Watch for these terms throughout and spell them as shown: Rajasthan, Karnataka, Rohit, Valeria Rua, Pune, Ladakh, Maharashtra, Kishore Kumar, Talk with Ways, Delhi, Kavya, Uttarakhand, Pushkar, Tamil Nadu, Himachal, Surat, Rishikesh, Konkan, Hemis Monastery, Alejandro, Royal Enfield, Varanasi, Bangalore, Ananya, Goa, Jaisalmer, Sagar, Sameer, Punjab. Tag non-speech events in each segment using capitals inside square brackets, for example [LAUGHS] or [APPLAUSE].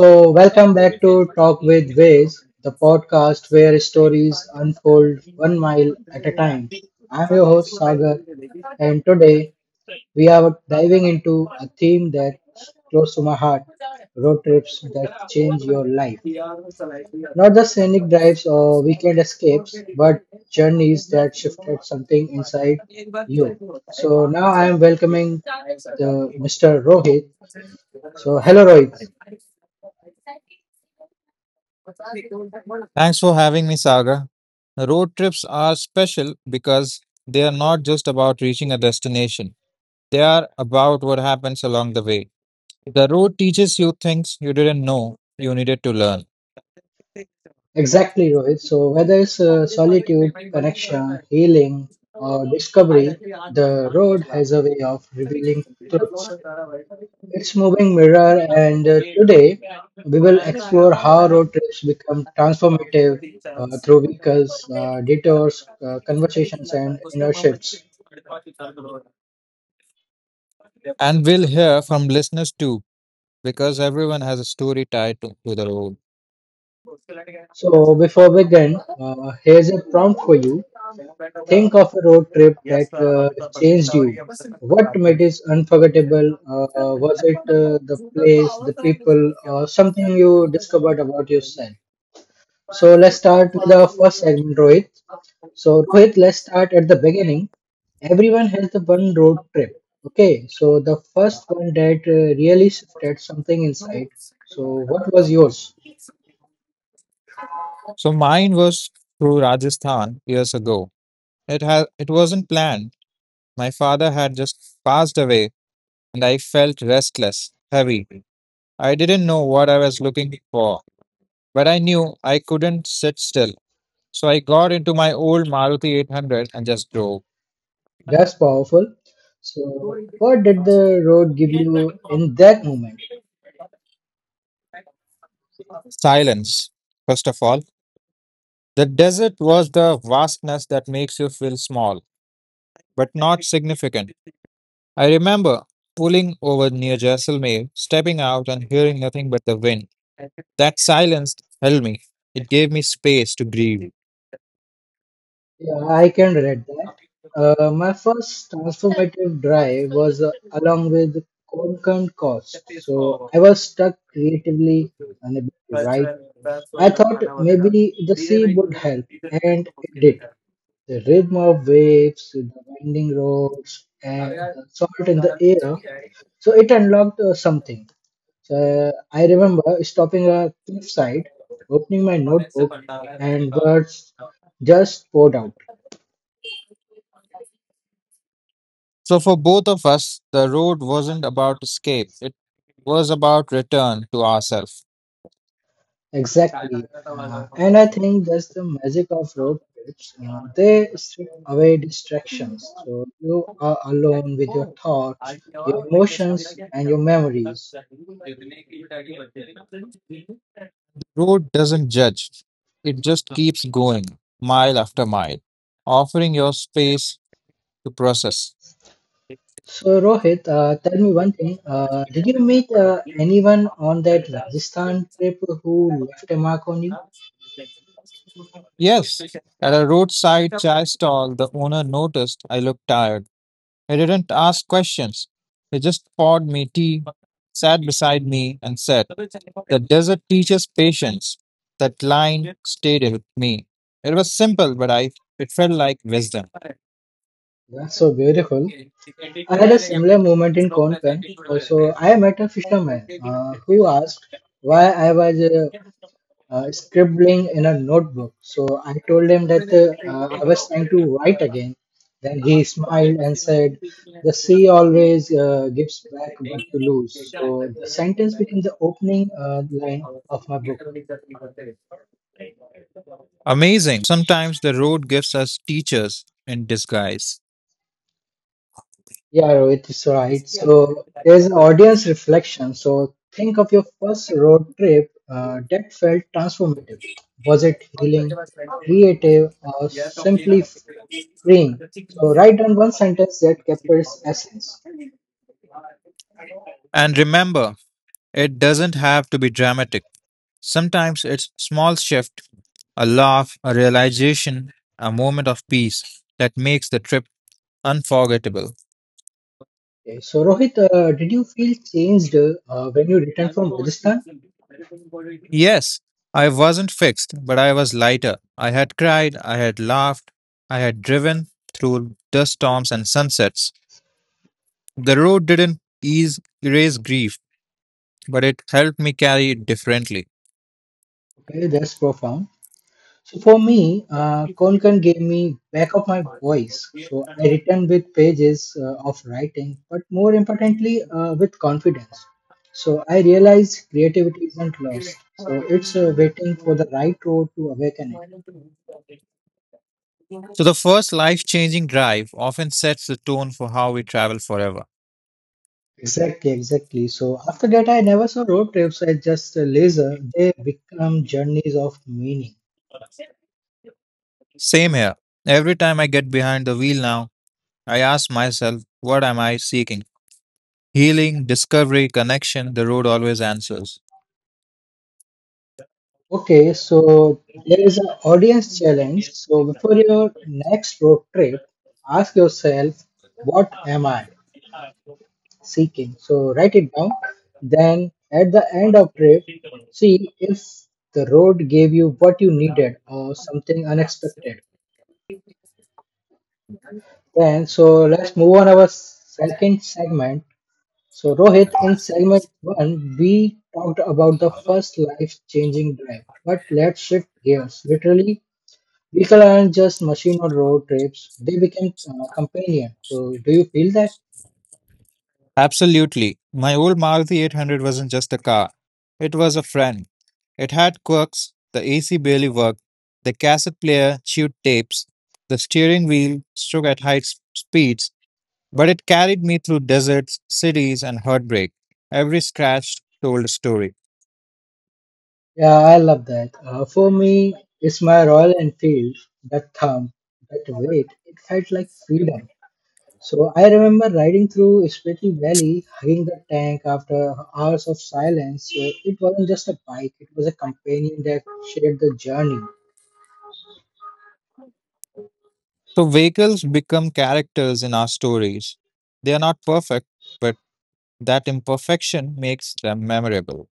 So, welcome back to Talk with Ways, the podcast where stories unfold 1 mile at a time. I'm your host Sagar, and today we are diving into a theme that's close to my heart, road trips that change your life. Not the scenic drives or weekend escapes, but journeys that shifted something inside you. So, now I am welcoming the Mr. Rohit. So, hello, Rohit. Thanks for having me, Saga. Road trips are special because they are not just about reaching a destination, they are about what happens along the way. The road teaches you things you didn't know you needed to learn. Exactly, Rohit. So whether it's solitude, connection, healing, or discovery, the road has a way of revealing truths. It's moving mirror, and today we will explore how road trips become transformative through vehicles, detours, conversations, and inner shifts. And we'll hear from listeners too, because everyone has a story tied to the road. So before we begin, here's a prompt for you. Think of a road trip that changed you. What made it unforgettable? Was it the place, the people, or something you discovered about yourself? So let's start with our first segment, Rohit. So Rohit, let's start at the beginning. Everyone has the one road trip. Okay, so the first one that really shifted something inside. So what was yours? So mine was through Rajasthan years ago. It wasn't planned. My father had just passed away, and I felt restless, heavy. I didn't know what I was looking for. But I knew I couldn't sit still. So I got into my old Maruti 800 and just drove. That's powerful. So what did the road give you in that moment? Silence, first of all. The desert was the vastness that makes you feel small, but not significant. I remember pulling over near Jaisalmer, stepping out and hearing nothing but the wind. That silence held me. It gave me space to grieve. Yeah, I can relate that. My first transformative drive was along with concurrent cost. So I was stuck creatively, unable to write. I thought maybe the sea would help, and it did. The rhythm of waves, the winding roads, and the salt in the air. So it unlocked something. So I remember stopping a cliffside, opening my notebook, and words just poured out. So for both of us, the road wasn't about escape. It was about return to ourselves. Exactly. And I think that's the magic of road trips. They strip away distractions. So you are alone with your thoughts, your emotions, and your memories. Road doesn't judge, it just keeps going, mile after mile, offering your space to process. So, Rohit, tell me one thing. Did you meet anyone on that Rajasthan trip who left a mark on you? Yes, at a roadside chai stall, the owner noticed I looked tired. He didn't ask questions. He just poured me tea, sat beside me, and said, the desert teaches patience. That line stayed with me. It was simple, but I it felt like wisdom. That's so beautiful. I had a similar moment in Konkan. So I met a fisherman who asked why I was scribbling in a notebook. So I told him that I was trying to write again. Then he smiled and said, "The sea always gives back what you lose." So the sentence became the opening line of my book. Amazing. Sometimes the road gives us teachers in disguise. Yeah, Rohit is right. So there's an audience reflection. So think of your first road trip that felt transformative. Was it healing, creative, or simply freeing? So write down one sentence that captures essence. And remember, it doesn't have to be dramatic. Sometimes it's small shift, a laugh, a realization, a moment of peace that makes the trip unforgettable. Okay. So Rohit, did you feel changed when you returned from Rajasthan? Yes, I wasn't fixed, but I was lighter. I had cried, I had laughed, I had driven through dust storms and sunsets. The road didn't ease, erase grief, but it helped me carry it differently. Okay, that's profound. So for me, Konkan gave me back of my voice. So I returned with pages of writing, but more importantly, with confidence. So I realized creativity isn't lost. So it's waiting for the right road to awaken it. So, the first life changing drive often sets the tone for how we travel forever. Exactly, exactly. So after that, I never saw road trips as just a leisure. They become journeys of meaning. Same here. Every time I get behind the wheel now, I ask myself, what am I seeking? Healing, discovery, connection, the road always answers. Okay, so there is an audience challenge. So before your next road trip, ask yourself, what am I seeking? So write it down. Then at the end of trip, see if the road gave you what you needed or something unexpected. Then so let's move on our second segment. So Rohit, in segment one, we talked about the first life-changing drive, but let's shift gears literally. Vehicle aren't just machine or road trips; they became companion. So, do you feel that? Absolutely. My old Maruti 800 wasn't just a car, it was a friend. It had quirks, the AC barely worked, the cassette player chewed tapes, the steering wheel shook at speeds, but it carried me through deserts, cities, and heartbreak. Every scratch told a story. Yeah, I love that. For me, it's my Royal Enfield. That thumb, that weight, it felt like freedom. So I remember riding through Spiti Valley, hugging the tank after hours of silence. So it wasn't just a bike; it was a companion that shared the journey. So, vehicles become characters in our stories. They are not perfect, but that imperfection makes them memorable.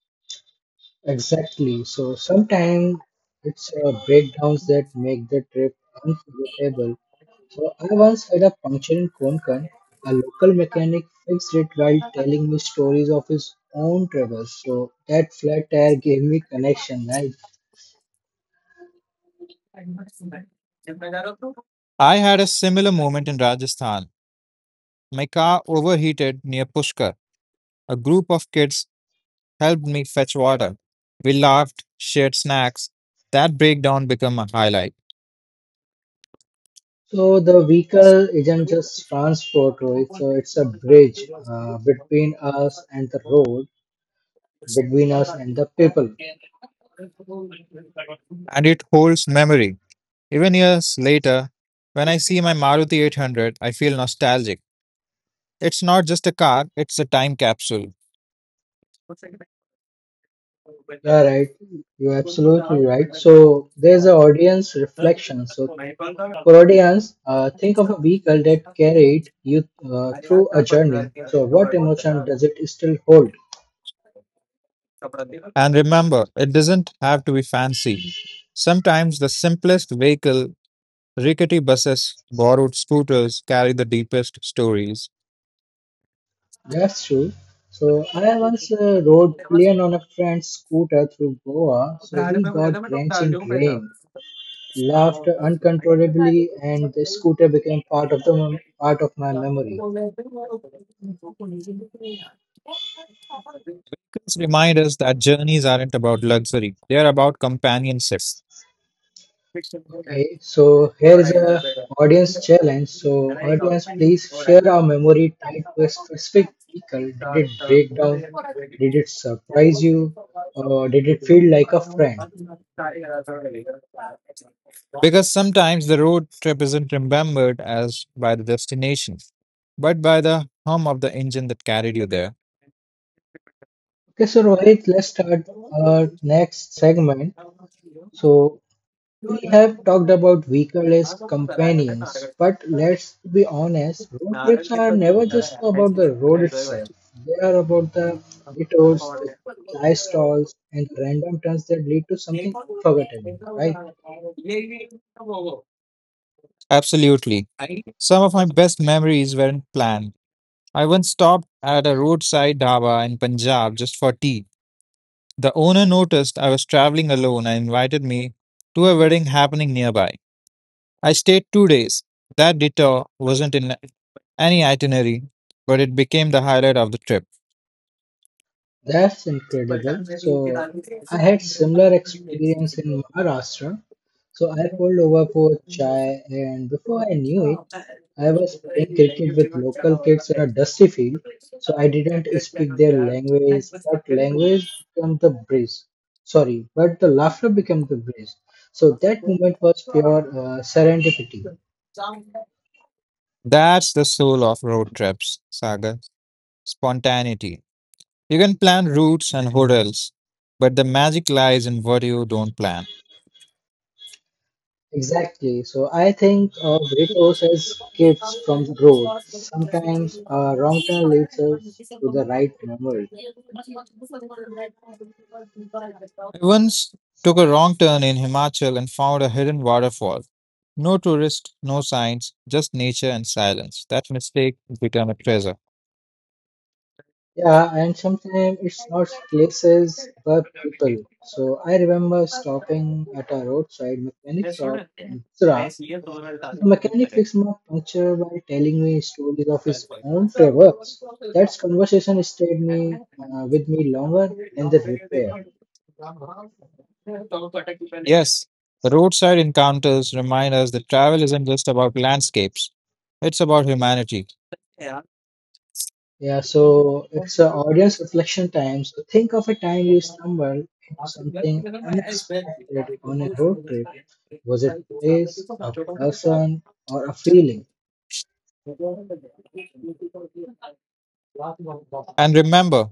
Exactly. So sometimes it's breakdowns that make the trip unforgettable. So I once had a puncture in Konkan. A local mechanic fixed it while telling me stories of his own travels. So that flat tire gave me connection, right? I had a similar moment in Rajasthan. My car overheated near Pushkar. A group of kids helped me fetch water. We laughed, shared snacks. That breakdown became a highlight. So the vehicle isn't just transport, Rohit. So it's a bridge between us and the road, between us and the people. And it holds memory. Even years later, when I see my Maruti 800, I feel nostalgic. It's not just a car, it's a time capsule. Yeah, right. You're absolutely right. So there's an audience reflection. So Herodians, think of a vehicle that carried you through a journey. So, what emotion does it still hold? And remember, it doesn't have to be fancy. Sometimes the simplest vehicle, rickety buses, borrowed scooters, carry the deepest stories. That's true. So, I once rode plain on a friend's scooter through Goa. So, we got drenched in rain, laughed uncontrollably, and the scooter became part of my memory. Because remind us that journeys aren't about luxury, they are about companionship. Okay, so here is a audience challenge. So audience, please share a memory tied to a specific vehicle. Did it break down? Did it surprise you? Or did it feel like a friend? Because sometimes the road trip isn't remembered as by the destination, but by the hum of the engine that carried you there. Okay, so Rohit, let's start our next segment. So we have talked about vehicle as companions, but let's be honest, road trips are never just about the road itself. They are about the detours, the chai stalls, and the random turns that lead to something unforgettable, right? Absolutely. Some of my best memories weren't planned. I once stopped at a roadside dhaba in Punjab just for tea. The owner noticed I was traveling alone and invited me to a wedding happening nearby. I stayed 2 days. That detour wasn't in any itinerary, but it became the highlight of the trip. That's incredible. So I had similar experience in Maharashtra. So I pulled over for chai and before I knew it, I was playing cricket with local kids in a dusty field. So I didn't speak their language, but language became the bridge. Sorry, but the laughter became the bridge. So that moment was pure serendipity. That's the soul of road trips, Sagar. Spontaneity. You can plan routes and hotels, but the magic lies in what you don't plan. Exactly. So I think of repose as gifts from the road. Sometimes a wrong turn leads us to the right memory. I once took a wrong turn in Himachal and found a hidden waterfall. No tourists, no signs, just nature and silence. That mistake became a treasure. Yeah, and sometimes it's not places but people. So I remember stopping at a roadside mechanic shop in Surat. So the mechanic fixed my puncture by telling me stories of his own travels. That conversation stayed me with me longer than the repair. [LAUGHS] Yes, the roadside encounters remind us that travel isn't just about landscapes, it's about humanity. Yeah, so it's a audience reflection time. So think of a time you stumbled into something unexpected on a road trip. Was it place, a person, or a feeling? And remember,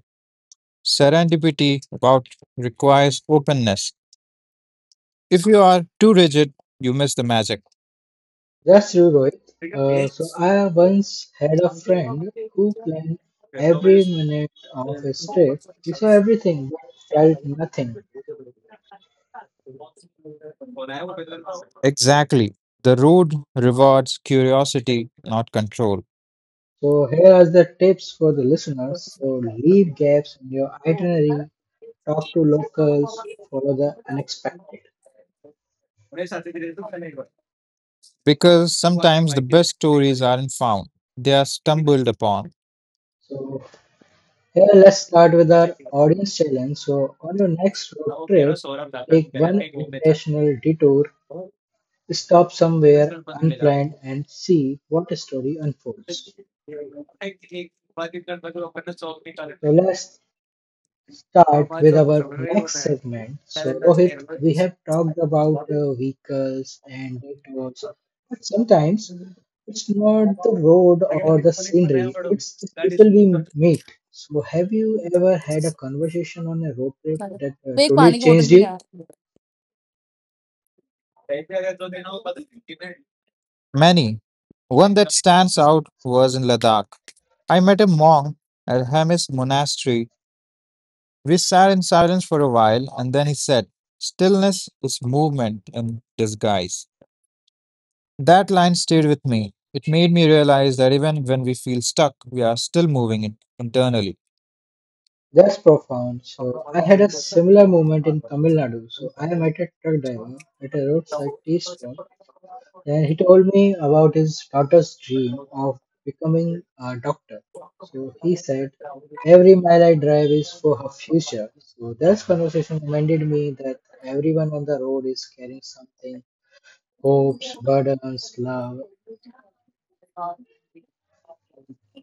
serendipity about requires openness. If you are too rigid, you miss the magic. That's true, Rohit. So I once had a friend who planned every minute of his trip. He saw everything but felt nothing. Exactly. The road rewards curiosity, not control. So here are the tips for the listeners. So leave gaps in your itinerary. Talk to locals. Follow the unexpected. Because sometimes the best stories aren't found, they are stumbled upon. So here, let's start with our audience challenge. So, on your next road trip, take one intentional detour, stop somewhere unplanned, and see what story unfolds. So, let's start with our next segment. So, Rohit, we have talked about vehicles and detours, but sometimes it's not the road or the scenery, it's the people we meet. So, have you ever had a conversation on a road trip that truly changed you? Many. One that stands out was in Ladakh. I met a monk at Hemis Monastery. We sat in silence for a while, and then he said, stillness is movement in disguise. That line stayed with me. It made me realize that even when we feel stuck, we are still moving internally. That's profound. So I had a similar moment in Tamil Nadu. So I met a truck driver at a roadside tea stall, and he told me about his daughter's dream of becoming a doctor. So he said, "Every mile I drive is for her future." So this conversation reminded me that everyone on the road is carrying something: hopes, burdens, love.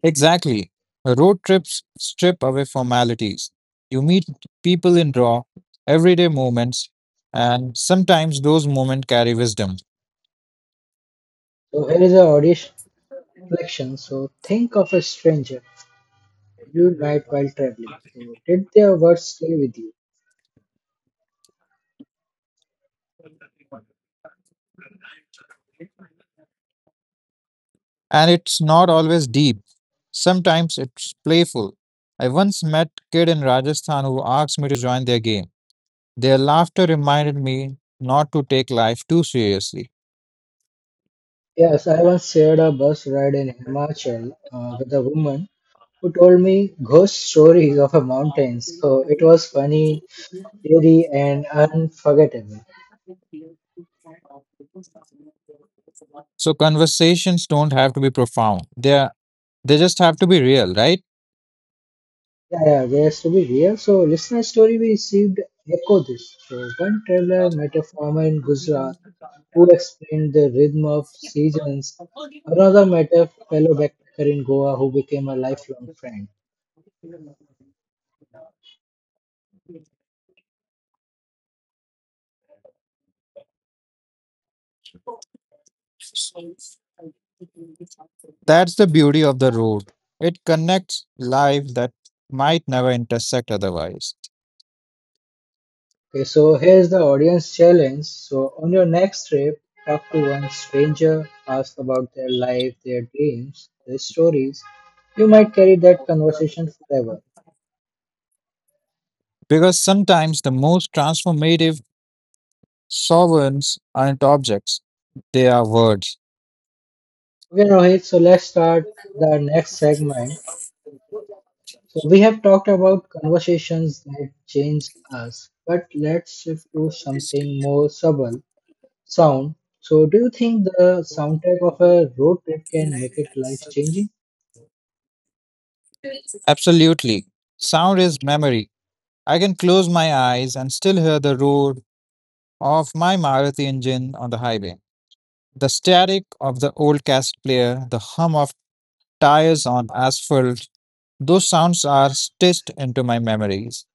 Exactly. Road trips strip away formalities. You meet people in raw, everyday moments, and sometimes those moments carry wisdom. So here is a audition reflection. So think of a stranger you met while traveling. So did their words stay with you? And it's not always deep, sometimes it's playful. I once met kid in Rajasthan who asked me to join their game. Their laughter reminded me not to take life too seriously. Yes, I once shared a bus ride in Himachal with a woman who told me ghost stories of a mountain. So it was funny, eerie, and unforgettable. So conversations don't have to be profound. They just have to be real, right? Yeah, yeah, there's to be real. So listener story we received echo this. So one traveler met a farmer in Gujarat who explained the rhythm of seasons. Another met a fellow backpacker in Goa who became a lifelong friend. That's the beauty of the road. It connects lives that might never intersect otherwise. Okay, so here's the audience challenge. So on your next trip, talk to one stranger, ask about their life, their dreams, their stories. You might carry that conversation forever. Because sometimes the most transformative sovereigns aren't objects, they are words. Okay, Rohit, so let's start with our next segment. So we have talked about conversations that changed us, but let's shift to something more subtle, sound. So do you think the soundtrack of a road trip can make it life changing? Absolutely. Sound is memory. I can close my eyes and still hear the roar of my Maruti engine on the highway. The static of the old cassette player, the hum of tires on asphalt, those sounds are stitched into my memories.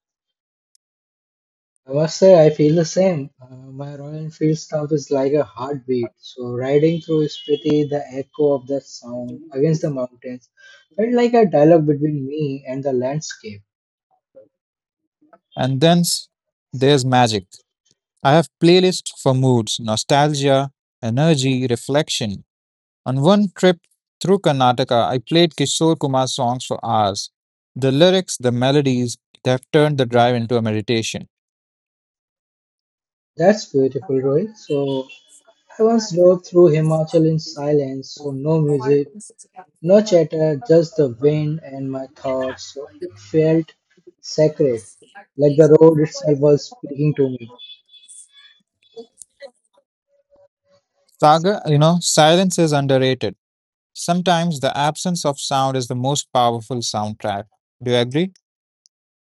I must say, I feel the same. My Royal Enfield stump is like a heartbeat. So riding through Spiti, the echo of that sound against the mountains felt like a dialogue between me and the landscape. And then there's magic. I have playlists for moods, nostalgia, energy, reflection. On one trip through Karnataka, I played Kishore Kumar songs for hours. The lyrics, the melodies, they have turned the drive into a meditation. That's beautiful, Rohit. So I once drove through Himachal in silence, so no music, no chatter, just the wind and my thoughts. So it felt sacred, like the road itself was speaking to me. Saga, you know, silence is underrated. Sometimes the absence of sound is the most powerful soundtrack. Do you agree?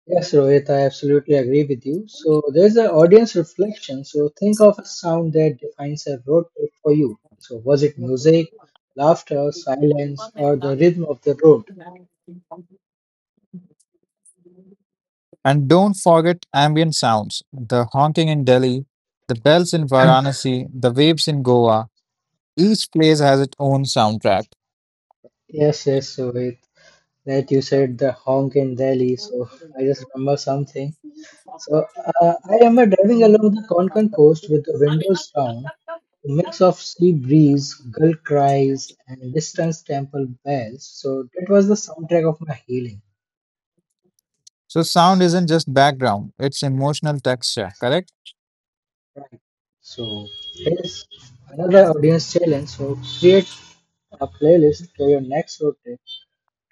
Yes, Rohit, I absolutely agree with you. So there's an audience reflection. So think of a sound that defines a road trip for you. So was it music, laughter, silence, or the rhythm of the road? And don't forget ambient sounds, the honking in Delhi, the bells in [CLEARS THROAT] Varanasi, the waves in Goa. Each place has its own soundtrack. Yes, yes, Rohit. That you said the honk in Delhi. So I just remember something. So I remember driving along the Konkan coast with the windows down. A mix of sea breeze, gull cries, and distant temple bells. So that was the soundtrack of my healing. So, sound isn't just background, it's emotional texture, correct? Right. So here's another audience challenge. So create a playlist for your next road trip.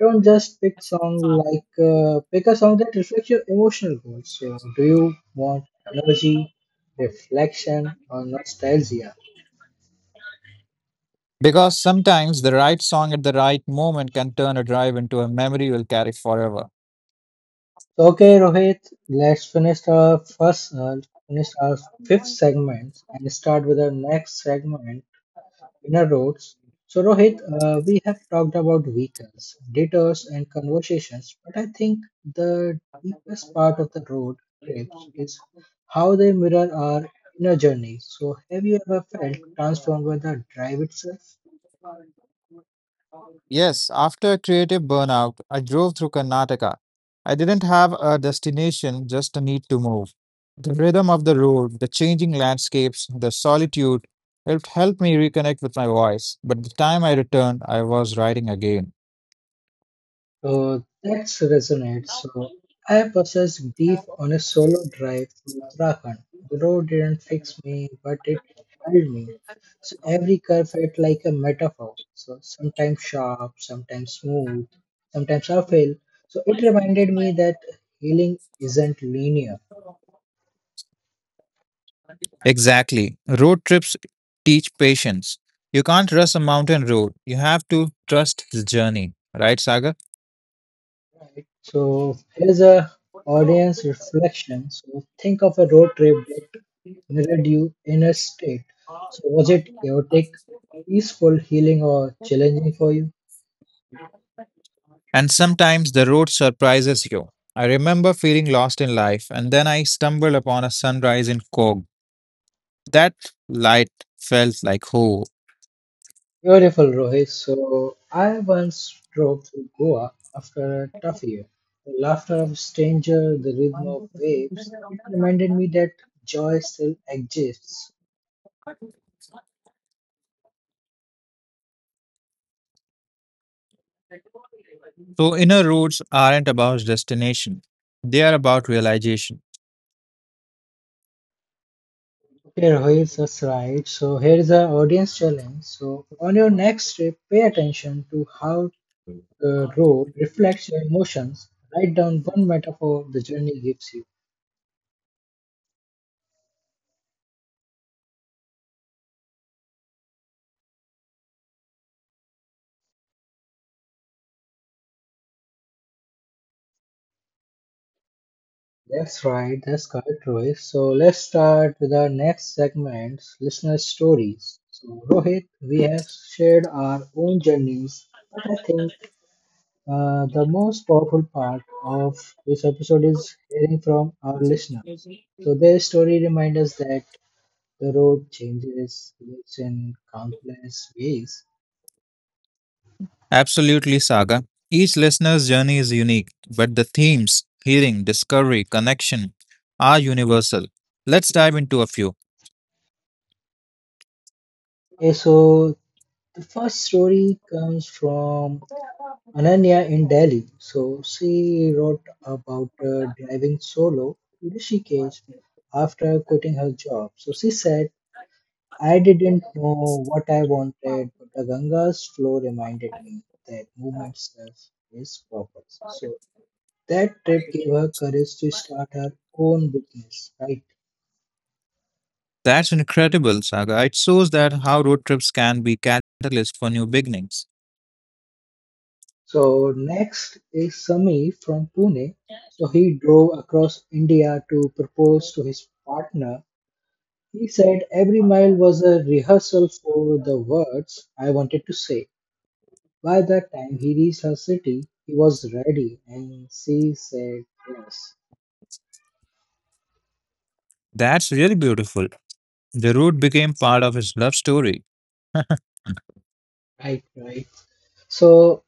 Don't just pick song like pick a song that reflects your emotional goals. So do you want energy, reflection, or nostalgia? Because sometimes the right song at the right moment can turn a drive into a memory you'll carry forever. Okay, Rohit, let's finish our finish our fifth segment and start with our next segment, inner roads. So, Rohit, we have talked about vehicles, detours, and conversations, but I think the deepest part of the road trips is how they mirror our inner journey. So, have you ever felt transformed by the drive itself? Yes, after creative burnout, I drove through Karnataka. I didn't have a destination, just a need to move. The rhythm of the road, the changing landscapes, the solitude helped help me reconnect with my voice. But the time I returned, I was writing again. So that resonates. So I possessed grief on a solo drive through Uttarakhand. The road didn't fix me, but it held me. So every curve felt like a metaphor. So sometimes sharp, sometimes smooth, sometimes uphill. So it reminded me that healing isn't linear. Exactly. Road trips teach patience. You can't rush a mountain road. You have to trust the journey. Right, Sagar? So here's a audience reflection. So think of a road trip that mirrored your inner state. So, was it chaotic, peaceful, healing, or challenging for you? And sometimes the road surprises you. I remember feeling lost in life, and then I stumbled upon a sunrise in Kog. That light felt like hope. Beautiful, Rohit. So, I once drove through Goa after a tough year. The laughter of stranger, the rhythm of waves, it reminded me that joy still exists. So, inner roads aren't about destination, they are about realization. Okay, Rohit, that's right. So here is our audience challenge. So on your next trip, pay attention to how the road reflects your emotions. Write down one metaphor the journey gives you. That's right, that's correct, Rohit. So let's start with our next segment, listener stories. So, Rohit, we have shared our own journeys, but I think the most powerful part of this episode is hearing from our listeners. So, their story reminds us that the road changes, lives in countless ways. Absolutely, Saga. Each listener's journey is unique, but the themes, healing, discovery, connection, are universal. Let's dive into a few. Okay, so the first story comes from Ananya in Delhi. So she wrote about driving solo to Rishikesh after quitting her job. So she said, I didn't know what I wanted, but the Ganga's flow reminded me that movement serves is purpose. So that trip gave her courage to start her own business, right? That's incredible, Saga. It shows that how road trips can be catalyst for new beginnings. So next is Sami from Pune. So he drove across India to propose to his partner. He said every mile was a rehearsal for the words I wanted to say. By that time he reached her city, he was ready, and she said yes. That's really beautiful. The road became part of his love story. Right, right. So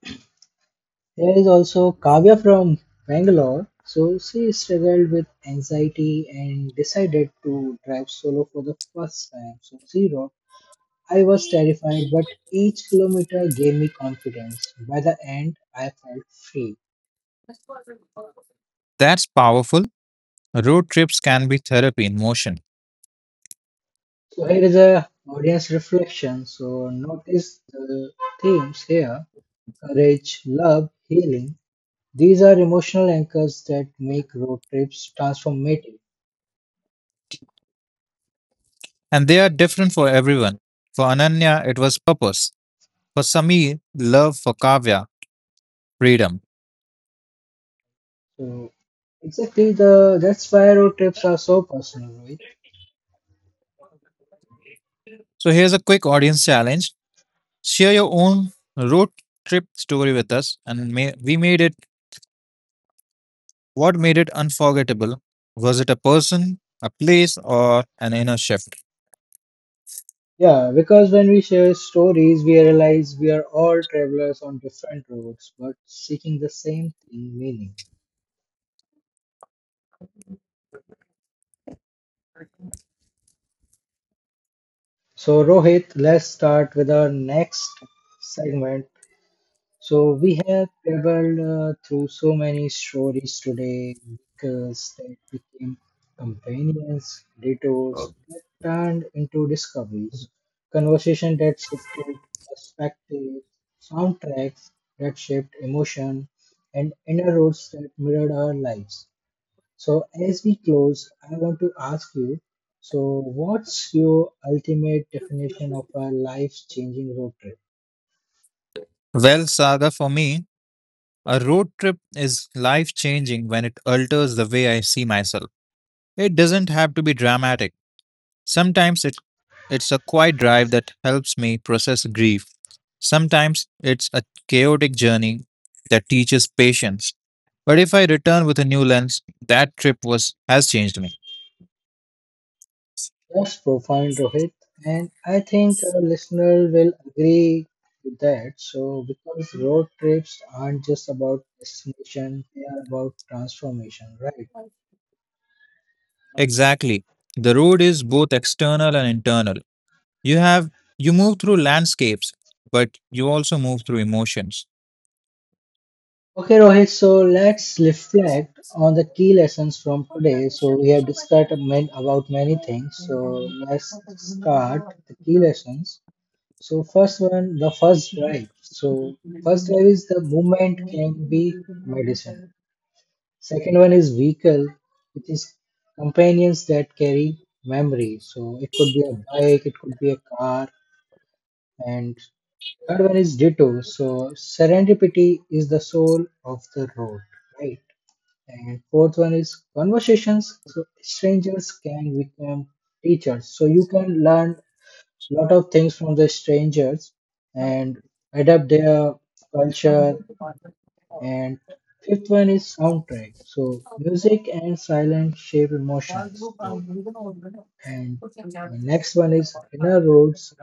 there is also Kavya from Bangalore. So she struggled with anxiety and decided to drive solo for the first time. So she wrote, I was terrified, but each kilometer gave me confidence. By the end, I felt free. That's powerful. Road trips can be therapy in motion, So here is a audience reflection. So notice the themes here: courage, love, healing. These are emotional anchors that make road trips transformative. and they are different for everyone. For Ananya, it was purpose. For Sameer, love. For Kavya, freedom. So exactly the that's why road trips are so personal, right? So here's a quick audience challenge. Share your own road trip story with us, and may, we made it what made it unforgettable. Was it a person, a place, or an inner shift? Yeah, because when we share stories, we realize we are all travelers on different roads, but seeking the same thing, meaning. So Rohit, let's start with our next segment. So we have traveled through so many stories today, because that became companions, detours that turned into discoveries, conversation that shifted perspectives, soundtracks that shaped emotion, and inner roads that mirrored our lives. So as we close, I want to ask you, so what's your ultimate definition of a life-changing road trip? Well, Saga, for me, a road trip is life changing when it alters the way I see myself. It doesn't have to be dramatic. Sometimes it's a quiet drive that helps me process grief. Sometimes it's a chaotic journey that teaches patience. But if I return with a new lens, that trip was has changed me. That's profound, Rohit. And I think our listener will agree with that. So, because road trips aren't just about destination, they are about transformation, right? Exactly. The road is both external and internal. You have you move through landscapes, but you also move through emotions. Okay, Rohit, so let's reflect on the key lessons from today. So, we have discussed about many things. So, let's start the key lessons. So, first one, the first drive. So, first drive is the movement can be medicine. Second one is vehicle, which is companions that carry memory. So it could be a bike, it could be a car, and third one is ditto. So serendipity is the soul of the road, right? And fourth one is conversations. So strangers can become teachers. So you can learn a lot of things from the strangers and adapt their culture, and fifth one is soundtrack. So music and silence shape emotions. So and the next one is inner roads,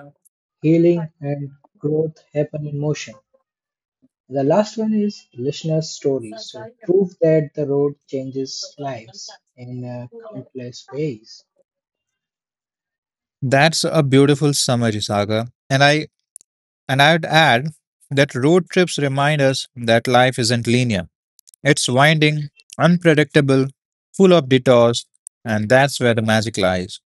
healing and growth happen in motion. The last one is listener stories. So proof that the road changes lives in countless ways. That's a beautiful summary, Saga. And I'd add that road trips remind us that life isn't linear. It's winding, unpredictable, full of detours, and that's where the magic lies.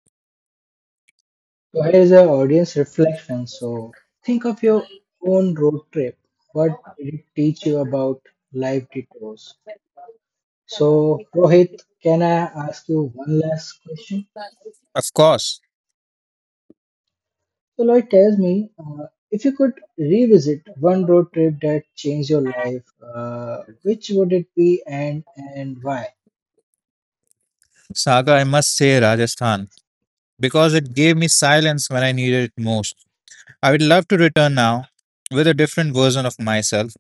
So here is an audience reflection. So think of your own road trip. What did it teach you about life detours? So, Rohit, can I ask you one last question? Of course, So, Lloyd, tells me if you could revisit one road trip that changed your life, which would it be and why? Saga, I must say Rajasthan, because it gave me silence when I needed it most. I would love to return now with a different version of myself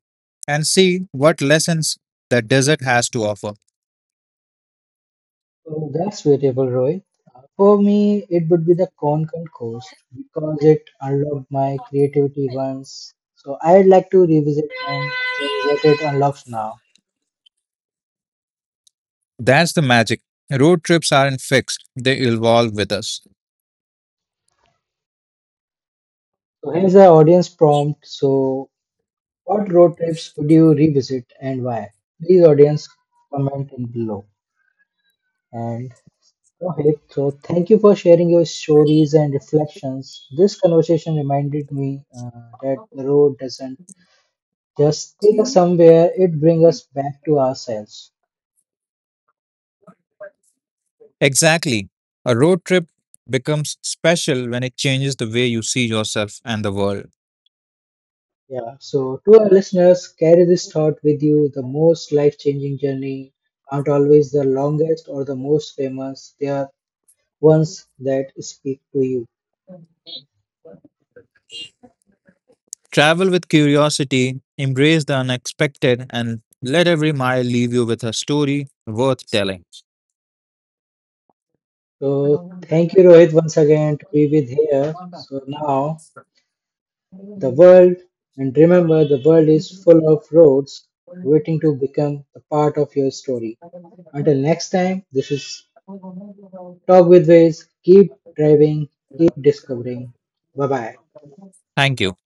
and see what lessons the desert has to offer. So that's variable, Rohit. For me, it would be the Konkan Coast because it unlocked my creativity once. So I'd like to revisit and see what it unlocks now. That's the magic. Road trips aren't fixed, they evolve with us. So here's the audience prompt. So what road trips would you revisit and why? Please, audience, comment in below. And Rohit, so thank you for sharing your stories and reflections. This conversation reminded me that the road doesn't just take us somewhere, it brings us back to ourselves. Exactly. A road trip becomes special when it changes the way you see yourself and the world. Yeah, so to our listeners, carry this thought with you. The most life changing journey aren't always the longest or the most famous, they are ones that speak to you. Travel with curiosity, embrace the unexpected, and let every mile leave you with a story worth telling. So thank you, Rohit, once again to be with here. So now the world, and remember, the world is full of roads waiting to become a part of your story. Until next time, this is Talk with Ways. Keep driving, keep discovering. Bye bye. Thank you.